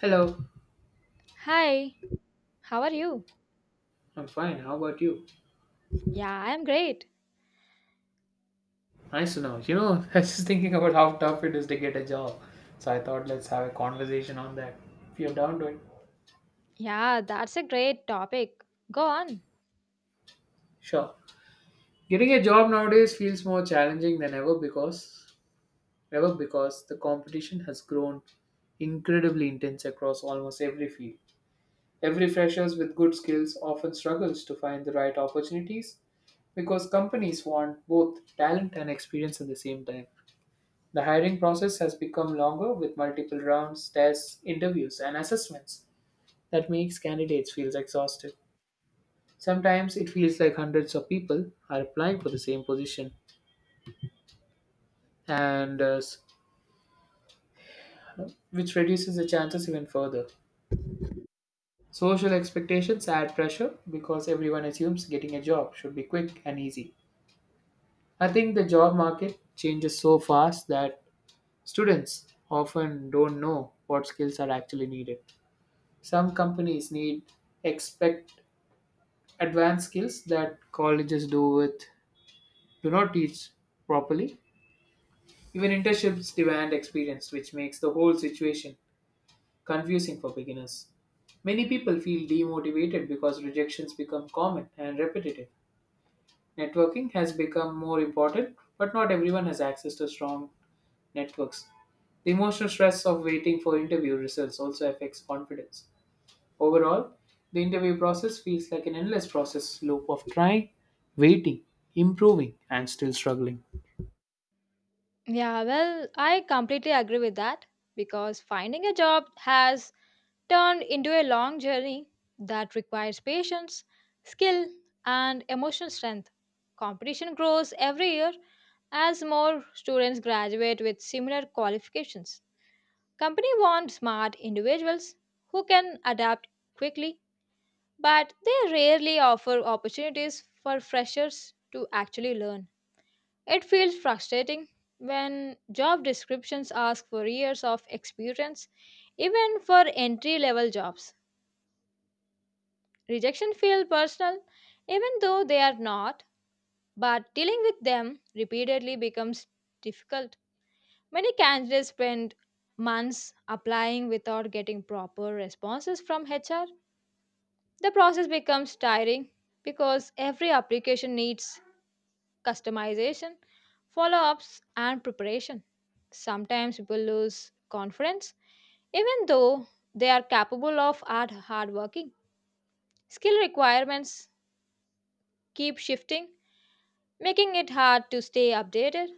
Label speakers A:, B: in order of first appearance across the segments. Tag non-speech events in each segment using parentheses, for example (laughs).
A: Hello,
B: Hi, how are you?
A: I'm fine. How about you?
B: Yeah, I'm great.
A: Nice to know. (laughs) I was just thinking about how tough it is to get a job. So I thought let's have a conversation on that. If you're down to it.
B: Yeah, that's a great topic. Go on.
A: Sure. Getting a job nowadays feels more challenging than ever because the competition has grown incredibly intense across almost every field. Every freshers with good skills often struggles to find the right opportunities because companies want both talent and experience at the same time. The hiring process has become longer with multiple rounds, tests, interviews, and assessments that makes candidates feel exhausted. Sometimes it feels like hundreds of people are applying for the same position, and uh, s- which reduces the chances even further. Social expectations add pressure because everyone assumes getting a job should be quick and easy. I think the job market changes so fast that students often don't know what skills are actually needed. Some companies need expect advanced skills that colleges do not teach properly. Even internships demand experience, which makes the whole situation confusing for beginners. Many people feel demotivated because rejections become common and repetitive. Networking has become more important, but not everyone has access to strong networks. The emotional stress of waiting for interview results also affects confidence. Overall, the interview process feels like an endless process loop of trying, waiting, improving, and still struggling.
B: Yeah, well, I completely agree with that because finding a job has turned into a long journey that requires patience, skill, and emotional strength. Competition grows every year as more students graduate with similar qualifications. Company want smart individuals who can adapt quickly but they rarely offer opportunities for freshers to actually learn. It feels frustrating when job descriptions ask for years of experience, even for entry level jobs. Rejection feels personal, even though they are not, but dealing with them repeatedly becomes difficult. Many candidates spend months applying without getting proper responses from HR. The process becomes tiring because every application needs customization, follow ups, and preparation. Sometimes people lose confidence even though they are capable of hard working. Skill requirements keep shifting, making it hard to stay updated.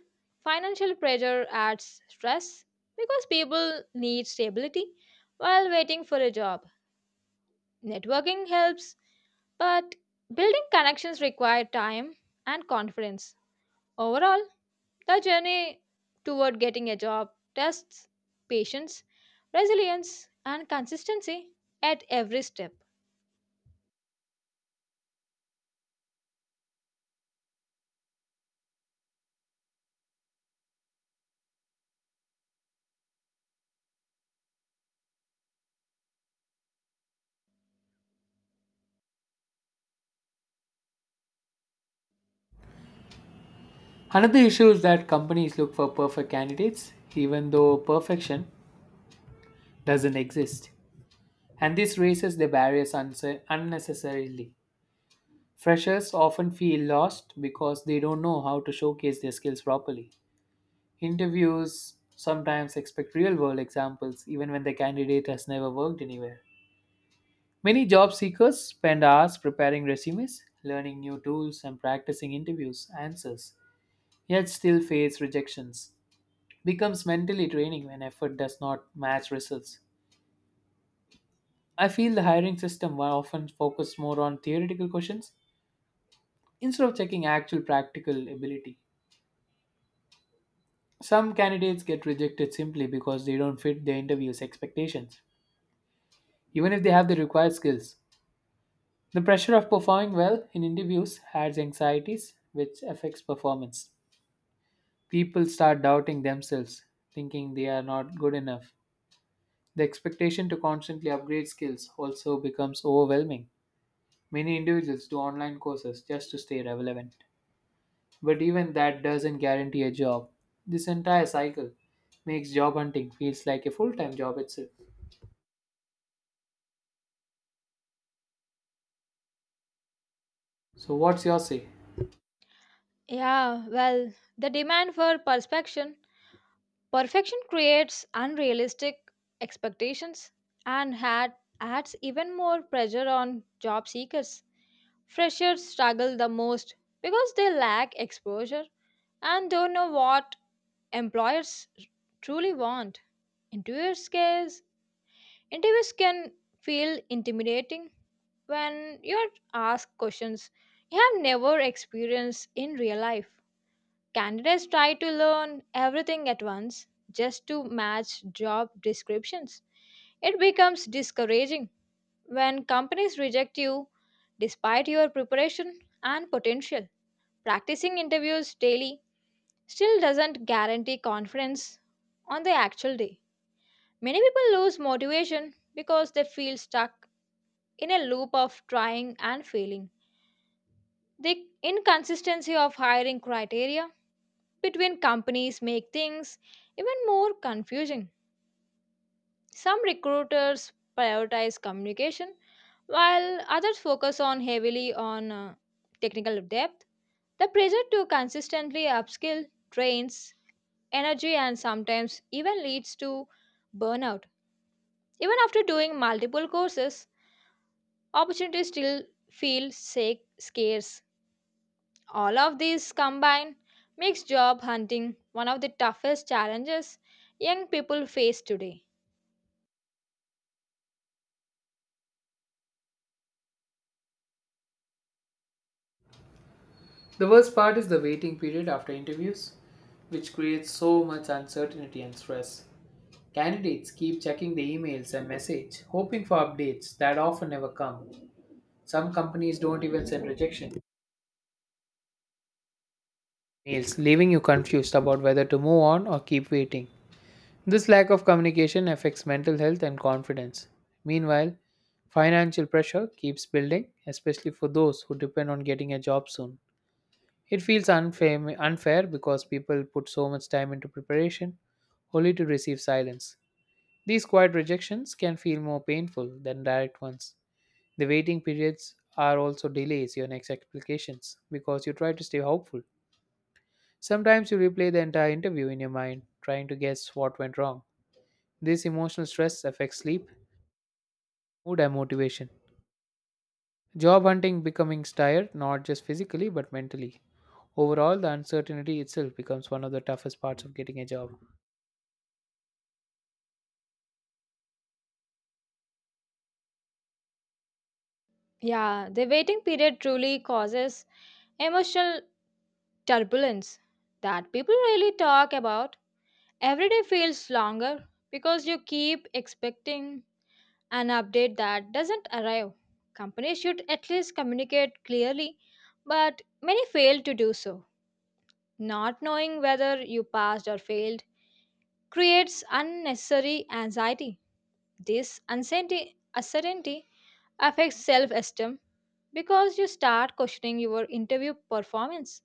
B: Financial pressure adds stress because people need stability while waiting for a job. Networking helps, but building connections require time and confidence. Overall, the journey toward getting a job tests patience, resilience, and consistency at every step.
A: Another issue is that companies look for perfect candidates, even though perfection doesn't exist. And this raises the barriers unnecessarily. Freshers often feel lost because they don't know how to showcase their skills properly. Interviews sometimes expect real world examples, even when the candidate has never worked anywhere. Many job seekers spend hours preparing resumes, learning new tools, and practicing interviews answers, yet still face rejections. Becomes mentally draining when effort does not match results. I feel the hiring system were often focused more on theoretical questions instead of checking actual practical ability. Some candidates get rejected simply because they don't fit the interview's expectations, even if they have the required skills. The pressure of performing well in interviews adds anxieties, which affects performance. People start doubting themselves, thinking they are not good enough. The expectation to constantly upgrade skills also becomes overwhelming. Many individuals do online courses just to stay relevant. But even that doesn't guarantee a job. This entire cycle makes job hunting feels like a full-time job itself. So what's your say?
B: Yeah, well, the demand for perfection. Perfection creates unrealistic expectations and adds even more pressure on job seekers. Freshers struggle the most because they lack exposure and don't know what employers truly want. In 2 years' case, interviews can feel intimidating when you're asked questions you have never experienced in real life. Candidates try to learn everything at once just to match job descriptions. It becomes discouraging when companies reject you despite your preparation and potential. Practicing interviews daily still doesn't guarantee confidence on the actual day. Many people lose motivation because they feel stuck in a loop of trying and failing. The inconsistency of hiring criteria between companies make things even more confusing. Some recruiters prioritize communication while others focus on heavily on technical depth. The pressure to consistently upskill drains energy and sometimes even leads to burnout. Even after doing multiple courses, opportunities still feel scarce. All of these combined makes job hunting one of the toughest challenges young people face today.
A: The worst part is the waiting period after interviews, which creates so much uncertainty and stress. Candidates keep checking the emails and message, hoping for updates that often never come. Some companies don't even send rejection mails, leaving you confused about whether to move on or keep waiting. This lack of communication affects mental health and confidence. Meanwhile, financial pressure keeps building, especially for those who depend on getting a job soon. It feels unfair because people put so much time into preparation only to receive silence. These quiet rejections can feel more painful than direct ones. The waiting periods are also delays your next applications because you try to stay hopeful. Sometimes you replay the entire interview in your mind, trying to guess what went wrong. This emotional stress affects sleep, mood, and motivation. Job hunting becomes tired not just physically but mentally. Overall, the uncertainty itself becomes one of the toughest parts of getting a job.
B: Yeah, the waiting period truly causes emotional turbulence that people really talk about. Every day feels longer because you keep expecting an update that doesn't arrive. Companies should at least communicate clearly, but many fail to do so. Not knowing whether you passed or failed creates unnecessary anxiety. This uncertainty affects self esteem because you start questioning your interview performance.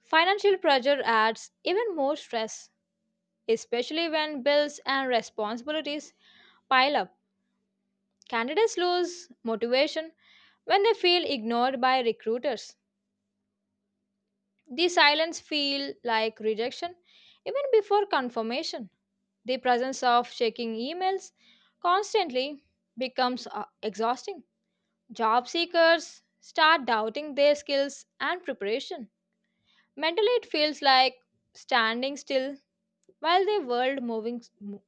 B: Financial pressure adds even more stress, especially when bills and responsibilities pile up. Candidates lose motivation when they feel ignored by recruiters. The silence feels like rejection even before confirmation. The presence of checking emails constantly becomes exhausting. Job seekers start doubting their skills and preparation. Mentally, it feels like standing still while the world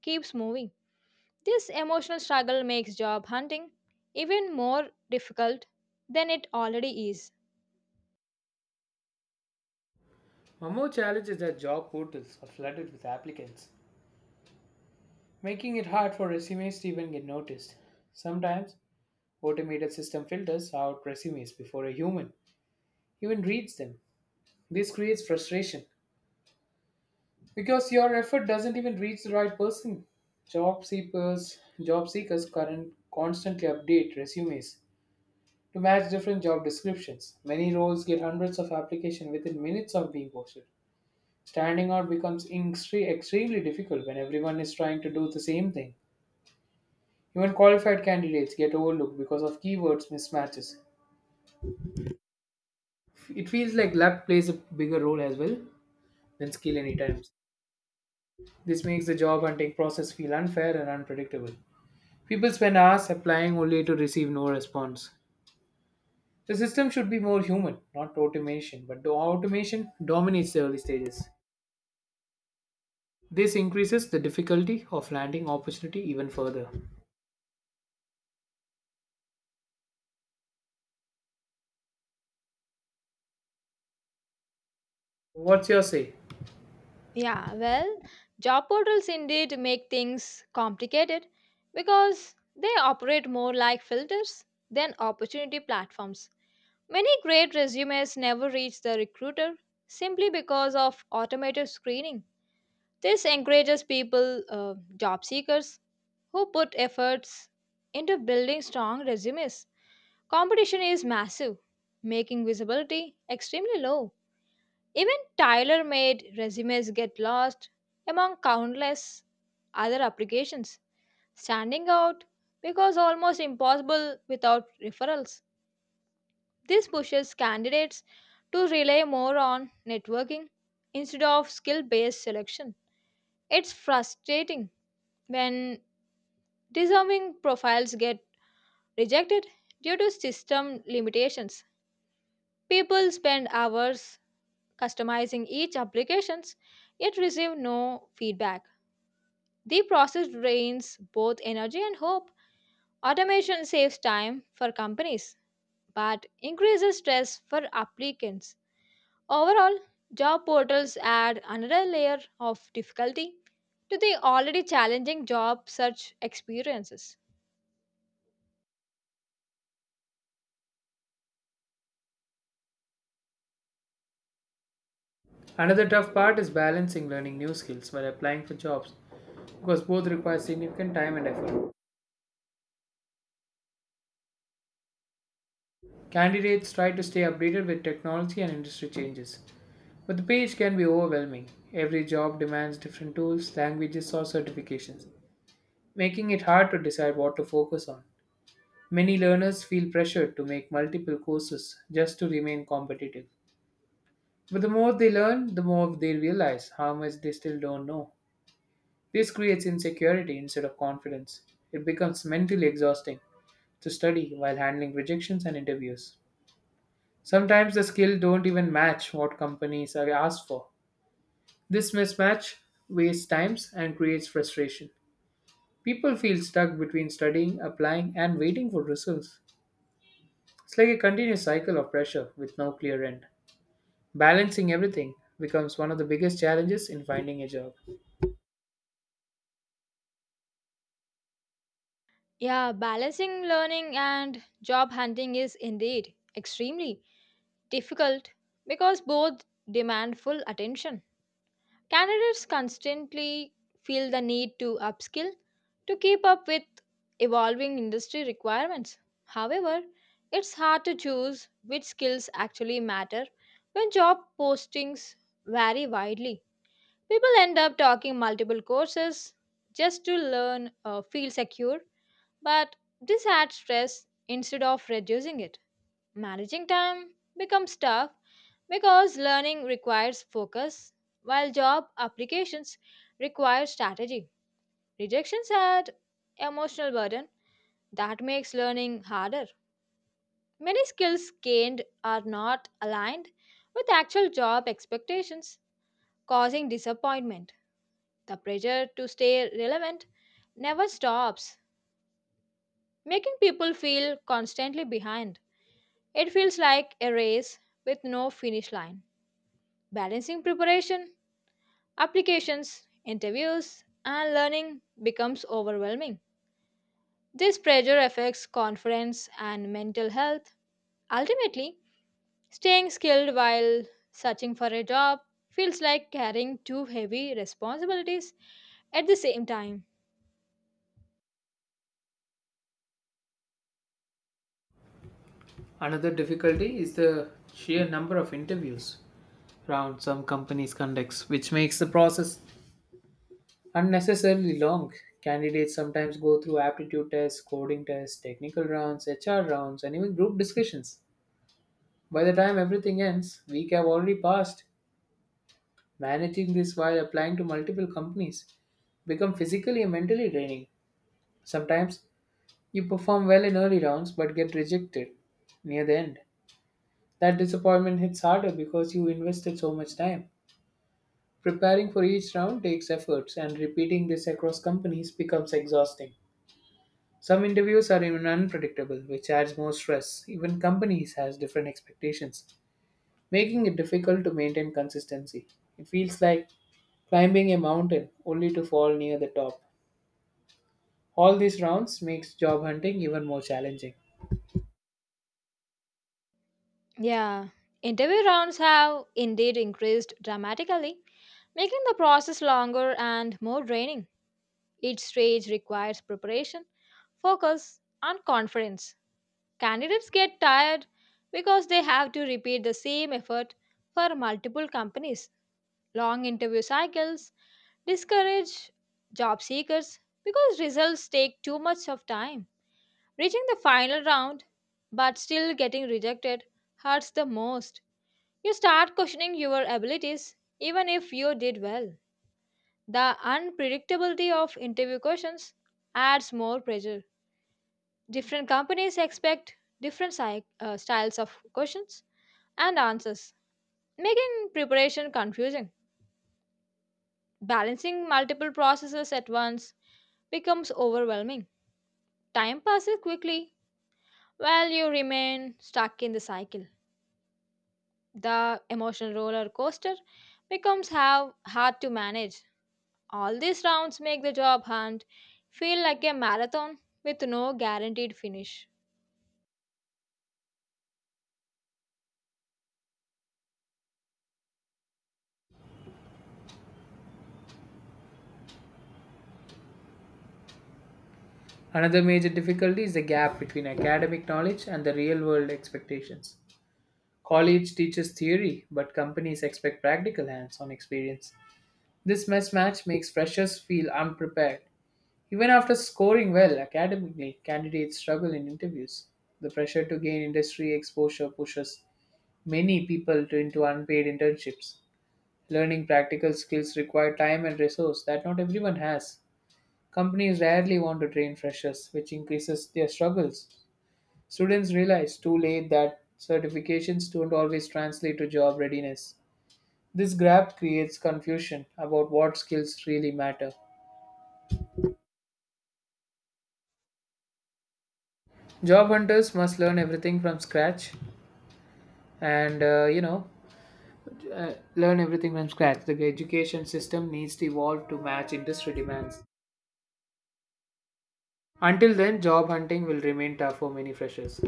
B: keeps moving. This emotional struggle makes job hunting even more difficult than it already is.
A: One more challenge is that job portals are flooded with applicants, making it hard for resumes to even get noticed. Sometimes automated system filters out resumes before a human even reads them. This creates frustration because your effort doesn't even reach the right person. Job seekers current constantly update resumes to match different job descriptions. Many roles get hundreds of applications within minutes of being posted. Standing out becomes extremely difficult when everyone is trying to do the same thing. Even qualified candidates get overlooked because of keywords mismatches. It feels like luck plays a bigger role as well than skill any times. This makes the job hunting process feel unfair and unpredictable. People spend hours applying only to receive no response. The system should be more human, not automation, but the automation dominates the early stages. This increases the difficulty of landing opportunity even further. What's your say?
B: Yeah, well, job portals indeed make things complicated because they operate more like filters than opportunity platforms. Many great resumes never reach the recruiter simply because of automated screening. This encourages job seekers, who put efforts into building strong resumes. Competition is massive, making visibility extremely low. Even tailor made resumes get lost among countless other applications, standing out because almost impossible without referrals. This pushes candidates to rely more on networking instead of skill based selection. It's frustrating when deserving profiles get rejected due to system limitations. People spend hours customizing each applications yet receive no feedback. The process drains both energy and hope. Automation saves time for companies but increases stress for applicants. Overall, job portals add another layer of difficulty to the already challenging job search experiences.
A: Another tough part is balancing learning new skills while applying for jobs because both require significant time and effort. Candidates try to stay updated with technology and industry changes, but the page can be overwhelming. Every job demands different tools, languages, or certifications, making it hard to decide what to focus on. Many learners feel pressured to make multiple courses just to remain competitive. But the more they learn, the more they realize how much they still don't know. This creates insecurity instead of confidence. It becomes mentally exhausting to study while handling rejections and interviews. Sometimes the skills don't even match what companies are asked for. This mismatch wastes time and creates frustration. People feel stuck between studying, applying, and waiting for results. It's like a continuous cycle of pressure with no clear end. Balancing everything becomes one of the biggest challenges in finding a job.
B: Yeah, balancing learning and job hunting is indeed extremely difficult because both demand full attention. Candidates constantly feel the need to upskill to keep up with evolving industry requirements. However, it's hard to choose which skills actually matter when job postings vary widely. People end up taking multiple courses just to feel secure, but this adds stress instead of reducing it. Managing time becomes tough because learning requires focus while job applications require strategy. Rejections add emotional burden that makes learning harder. Many skills gained are not aligned with actual job expectations, causing disappointment. The pressure to stay relevant never stops, making people feel constantly behind. It feels like a race with no finish line. Balancing preparation, applications, interviews, and learning becomes overwhelming. This pressure affects confidence and mental health. Ultimately, staying skilled while searching for a job feels like carrying too heavy responsibilities at the same time.
A: Another difficulty is the sheer number of interviews rounds some companies conduct, which makes the process unnecessarily long. Candidates sometimes go through aptitude tests, coding tests, technical rounds, HR rounds, and even group discussions. By the time everything ends, week have already passed. Managing this while applying to multiple companies become physically and mentally draining. Sometimes you perform well in early rounds but get rejected near the end. That disappointment hits harder because you invested so much time. Preparing for each round takes efforts, and repeating this across companies becomes exhausting. Some interviews are even unpredictable, which adds more stress. Even companies has different expectations, making it difficult to maintain consistency. It feels like climbing a mountain only to fall near the top. All these rounds makes job hunting even more challenging.
B: Yeah, interview rounds have indeed increased dramatically, making the process longer and more draining. Each stage requires preparation, focus, and confidence. Candidates get tired because they have to repeat the same effort for multiple companies. Long interview cycles discourage job seekers because results take too much of time. Reaching the final round but still getting rejected hurts the most. You start questioning your abilities even if you did well. The unpredictability of interview questions adds more pressure. Different companies expect different styles of questions and answers, making preparation confusing. Balancing multiple processes at once becomes overwhelming. Time passes quickly while you remain stuck in the cycle. The emotional roller coaster becomes how hard to manage. All these rounds make the job hunt feel like a marathon with no guaranteed finish.
A: Another major difficulty is the gap between academic knowledge and the real world expectations. College teaches theory, but companies expect practical hands on experience. This mismatch makes freshers feel unprepared. Even after scoring well academically, candidates struggle in interviews. The pressure to gain industry exposure pushes many people to, into unpaid internships. Learning practical skills require time and resource that not everyone has. Companies rarely want to train freshers, which increases their struggles. Students realize too late that certifications don't always translate to job readiness. This gap creates confusion about what skills really matter. Job hunters must learn everything from scratch and learn everything from scratch. The education system needs to evolve to match industry demands. Until then, job hunting will remain tough for many freshers.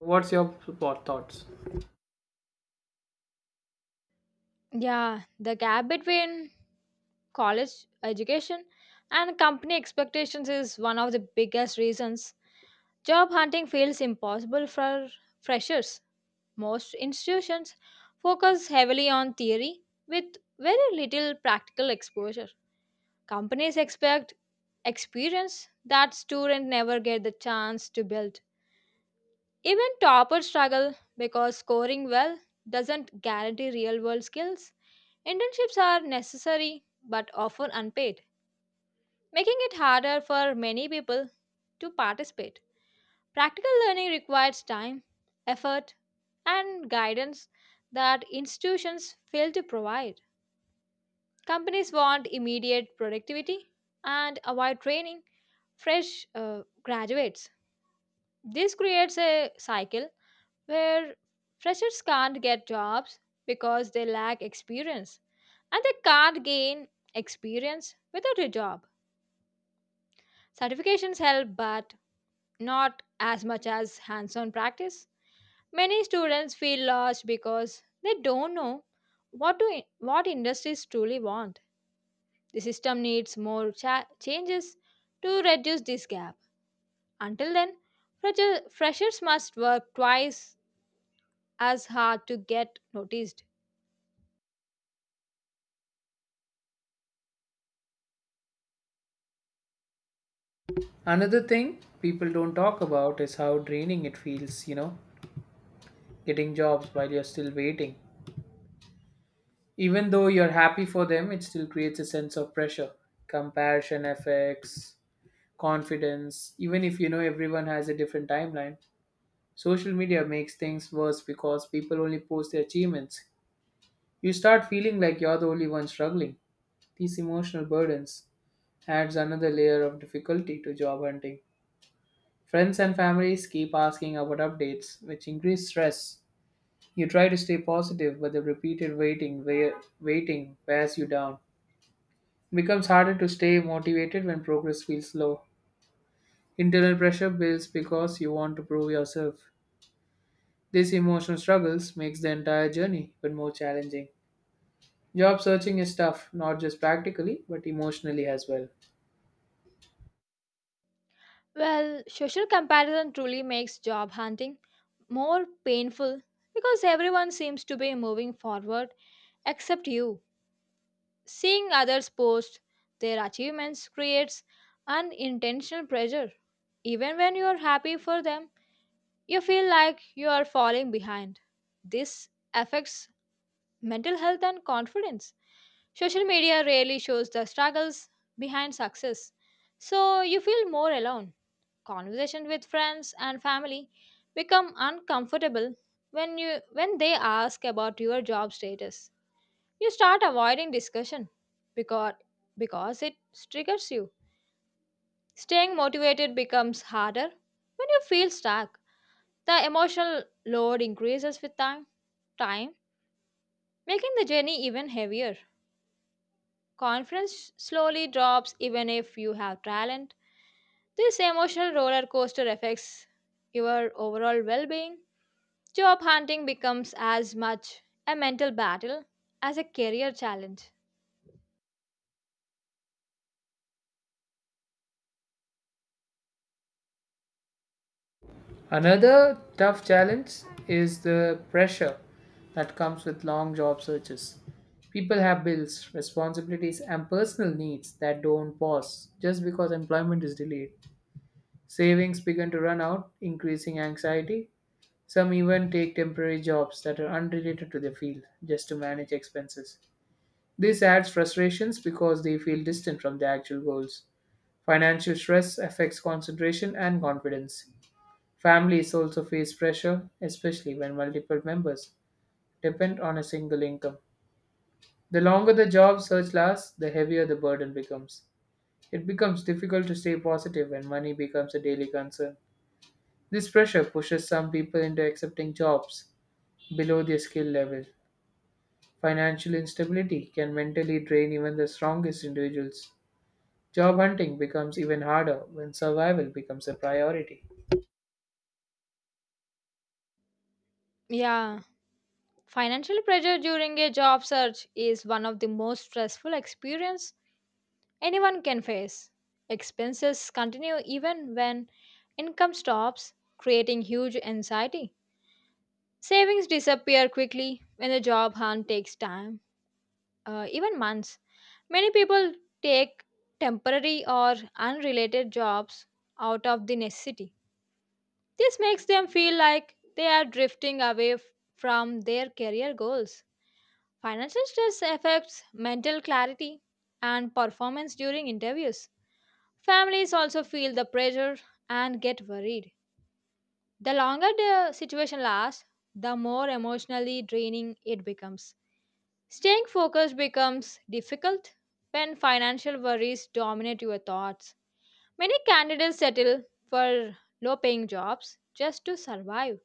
A: What's your thoughts?
B: Yeah, the gap between college education and company expectations is one of the biggest reasons job hunting feels impossible for freshers. Most institutions focus heavily on theory with very little practical exposure. Companies expect experience that students never get the chance to build. Even toppers struggle because scoring well doesn't guarantee real world skills. Internships are necessary but often unpaid, making it harder for many people to participate. Practical learning requires time, effort, and guidance that institutions fail to provide. Companies want immediate productivity and avoid training fresh graduates. This creates a cycle where freshers can't get jobs because they lack experience and they can't gain experience without a job. Certifications help, but not as much as hands on practice. Many students feel lost because they don't know what industries truly want. The system needs more changes to reduce this gap. Until then, freshers must work twice as hard to get noticed.
A: Another thing people don't talk about is how draining it feels, getting jobs while you're still waiting. Even though you're happy for them, it still creates a sense of pressure, comparison effects, confidence, even if you know everyone has a different timeline. Social media makes things worse because people only post their achievements. You start feeling like you're the only one struggling. These emotional burdens adds another layer of difficulty to job hunting. Friends and families keep asking about updates, which increase stress. You try to stay positive, but the repeated waiting wears you down. It becomes harder to stay motivated when progress feels slow. Internal pressure builds because you want to prove yourself. These emotional struggles makes the entire journey even more challenging. Job searching is tough, not just practically, but emotionally as well.
B: Well, social comparison truly makes job hunting more painful because everyone seems to be moving forward except you. Seeing others post their achievements creates an intentional pressure. Even when you are happy for them, you feel like you are falling behind. This affects mental health and confidence. Social media rarely shows the struggles behind success, so you feel more alone. Conversations with friends and family become uncomfortable when you when they ask about your job status. You start avoiding discussion because, because it triggers you. Staying motivated becomes harder when you feel stuck. The emotional load increases with time, making the journey even heavier. Confidence slowly drops even if you have talent. This emotional roller coaster affects your overall well being. Job hunting becomes as much a mental battle as a career challenge.
A: Another tough challenge is the pressure that comes with long job searches. People have bills, responsibilities, and personal needs that don't pause just because employment is delayed. Savings begin to run out, increasing anxiety. Some even take temporary jobs that are unrelated to their field just to manage expenses. This adds frustrations because they feel distant from their actual goals. Financial stress affects concentration and confidence. Families also face pressure, especially when multiple members depend on a single income. The longer the job search lasts, the heavier the burden becomes. It becomes difficult to stay positive when money becomes a daily concern. This pressure pushes some people into accepting jobs below their skill level. Financial instability can mentally drain even the strongest individuals. Job hunting becomes even harder when survival becomes a priority.
B: Yeah, financial pressure during a job search is one of the most stressful experience anyone can face. Expenses continue even when income stops, creating huge anxiety. Savings disappear quickly when the job hunt takes even months. Many people take temporary or unrelated jobs out of the necessity. This makes them feel like they are drifting away from their career goals. Financial stress affects mental clarity and performance during interviews. Families also feel the pressure and get worried. The longer the situation lasts, the more emotionally draining it becomes. Staying focused becomes difficult when financial worries dominate your thoughts. Many candidates settle for low paying jobs just to survive.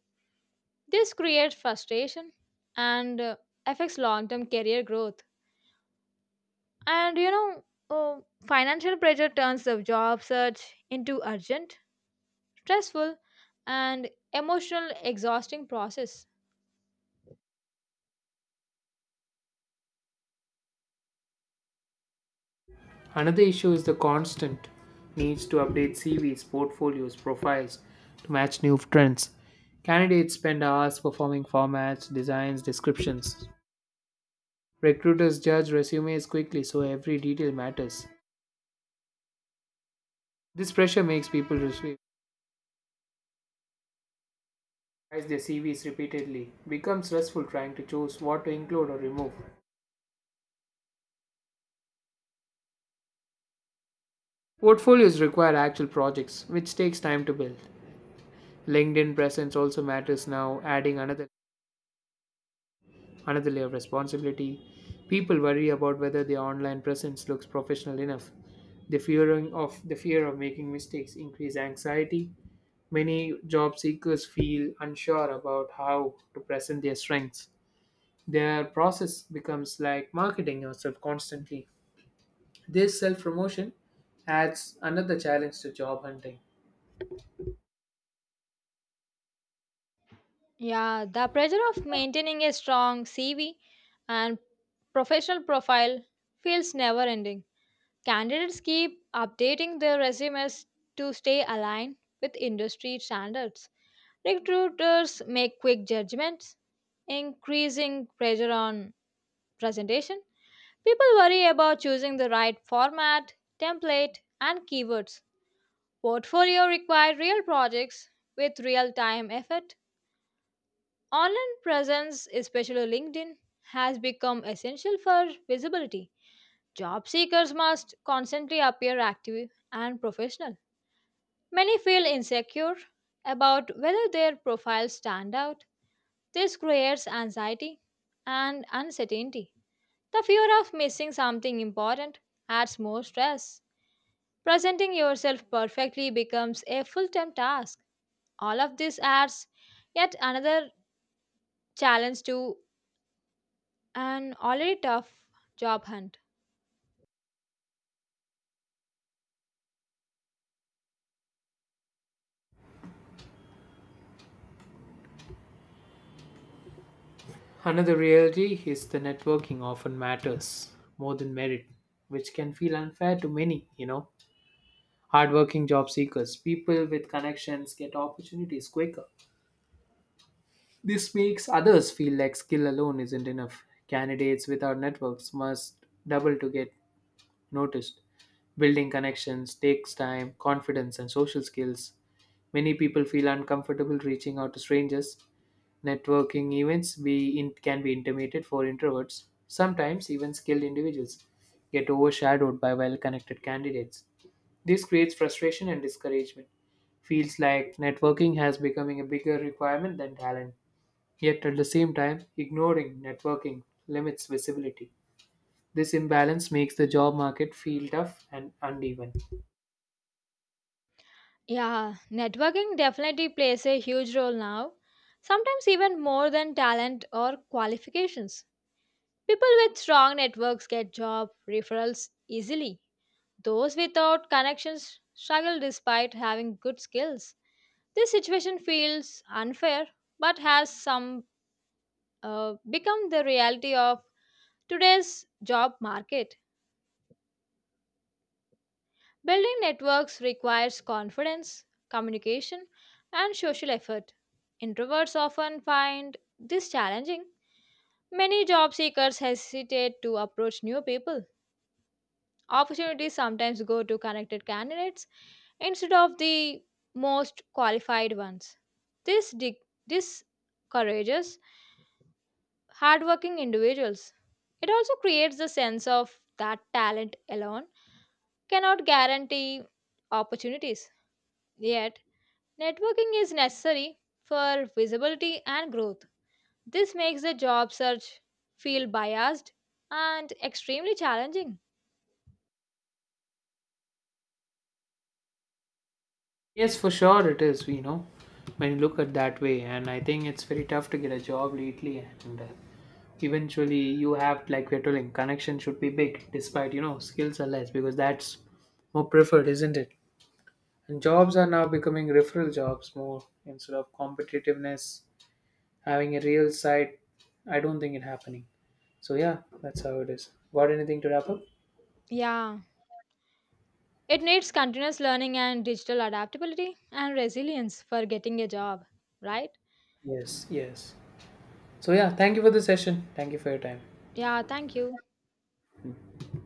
B: This creates frustration and affects long term career growth. And you know, oh, Financial pressure turns the job search into urgent, stressful, and emotional exhausting process.
A: Another issue is the constant needs to update CVs, portfolios, profiles to match new trends. Candidates spend hours performing formats, designs, descriptions. Recruiters judge resumes quickly, so every detail matters. This pressure makes people revise their CVs repeatedly. It becomes stressful trying to choose what to include or remove. Portfolios require actual projects, which takes time to build. LinkedIn presence also matters now, adding another layer of responsibility. People worry about whether their online presence looks professional enough. The fear of making mistakes increase anxiety. Many job seekers feel unsure about how to present their strengths. Their process becomes like marketing yourself constantly. This self-promotion adds another challenge to job hunting.
B: Yeah, the pressure of maintaining a strong CV and professional profile feels never ending. Candidates keep updating their resumes to stay aligned with industry standards. Recruiters make quick judgments, increasing pressure on presentation. People worry about choosing the right format, template, and keywords. Portfolio require real projects with real time effort. Online presence, especially LinkedIn, has become essential for visibility. Job seekers must constantly appear active and professional. Many feel insecure about whether their profiles stand out. This creates anxiety and uncertainty. The fear of missing something important adds more stress. Presenting yourself perfectly becomes a full time task. All of this adds yet another challenge to an already tough job hunt.
A: Another reality is the networking often matters more than merit, which can feel unfair to many, Hardworking job seekers, people with connections get opportunities quicker. This makes others feel like skill alone isn't enough. Candidates without networks must double to get noticed. Building connections takes time, confidence, and social skills. Many people feel uncomfortable reaching out to strangers. Networking events can be intimidated for introverts. Sometimes even skilled individuals get overshadowed by well-connected candidates. This creates frustration and discouragement. Feels like networking has becoming a bigger requirement than talent. Yet at the same time, ignoring networking limits visibility. This imbalance makes the job market feel tough and uneven.
B: Yeah, networking definitely plays a huge role now, sometimes even more than talent or qualifications. People with strong networks get job referrals easily. Those without connections struggle despite having good skills. This situation feels unfair but has some become the reality of today's job market. Building networks requires confidence, communication, and social effort. Introverts often find this challenging. Many job seekers hesitate to approach new people. Opportunities sometimes go to connected candidates instead of the most qualified ones. This discourages hardworking individuals. It also creates the sense of that talent alone cannot guarantee opportunities. Yet, networking is necessary for visibility and growth. This makes the job search feel biased and extremely challenging.
A: Yes, for sure it is, when you look at that way. And I think it's very tough to get a job lately. And eventually, you have, like we're telling, connection should be big despite, skills are less because that's more preferred, isn't it? And jobs are now becoming referral jobs more instead of competitiveness having a real side. I don't think it happening. So yeah, that's how it is. Got anything to wrap up?
B: Yeah, it needs continuous learning and digital adaptability and resilience for getting a job, right?
A: Yes, yes. So yeah, thank you for the session. Thank you for your time.
B: Yeah, thank you.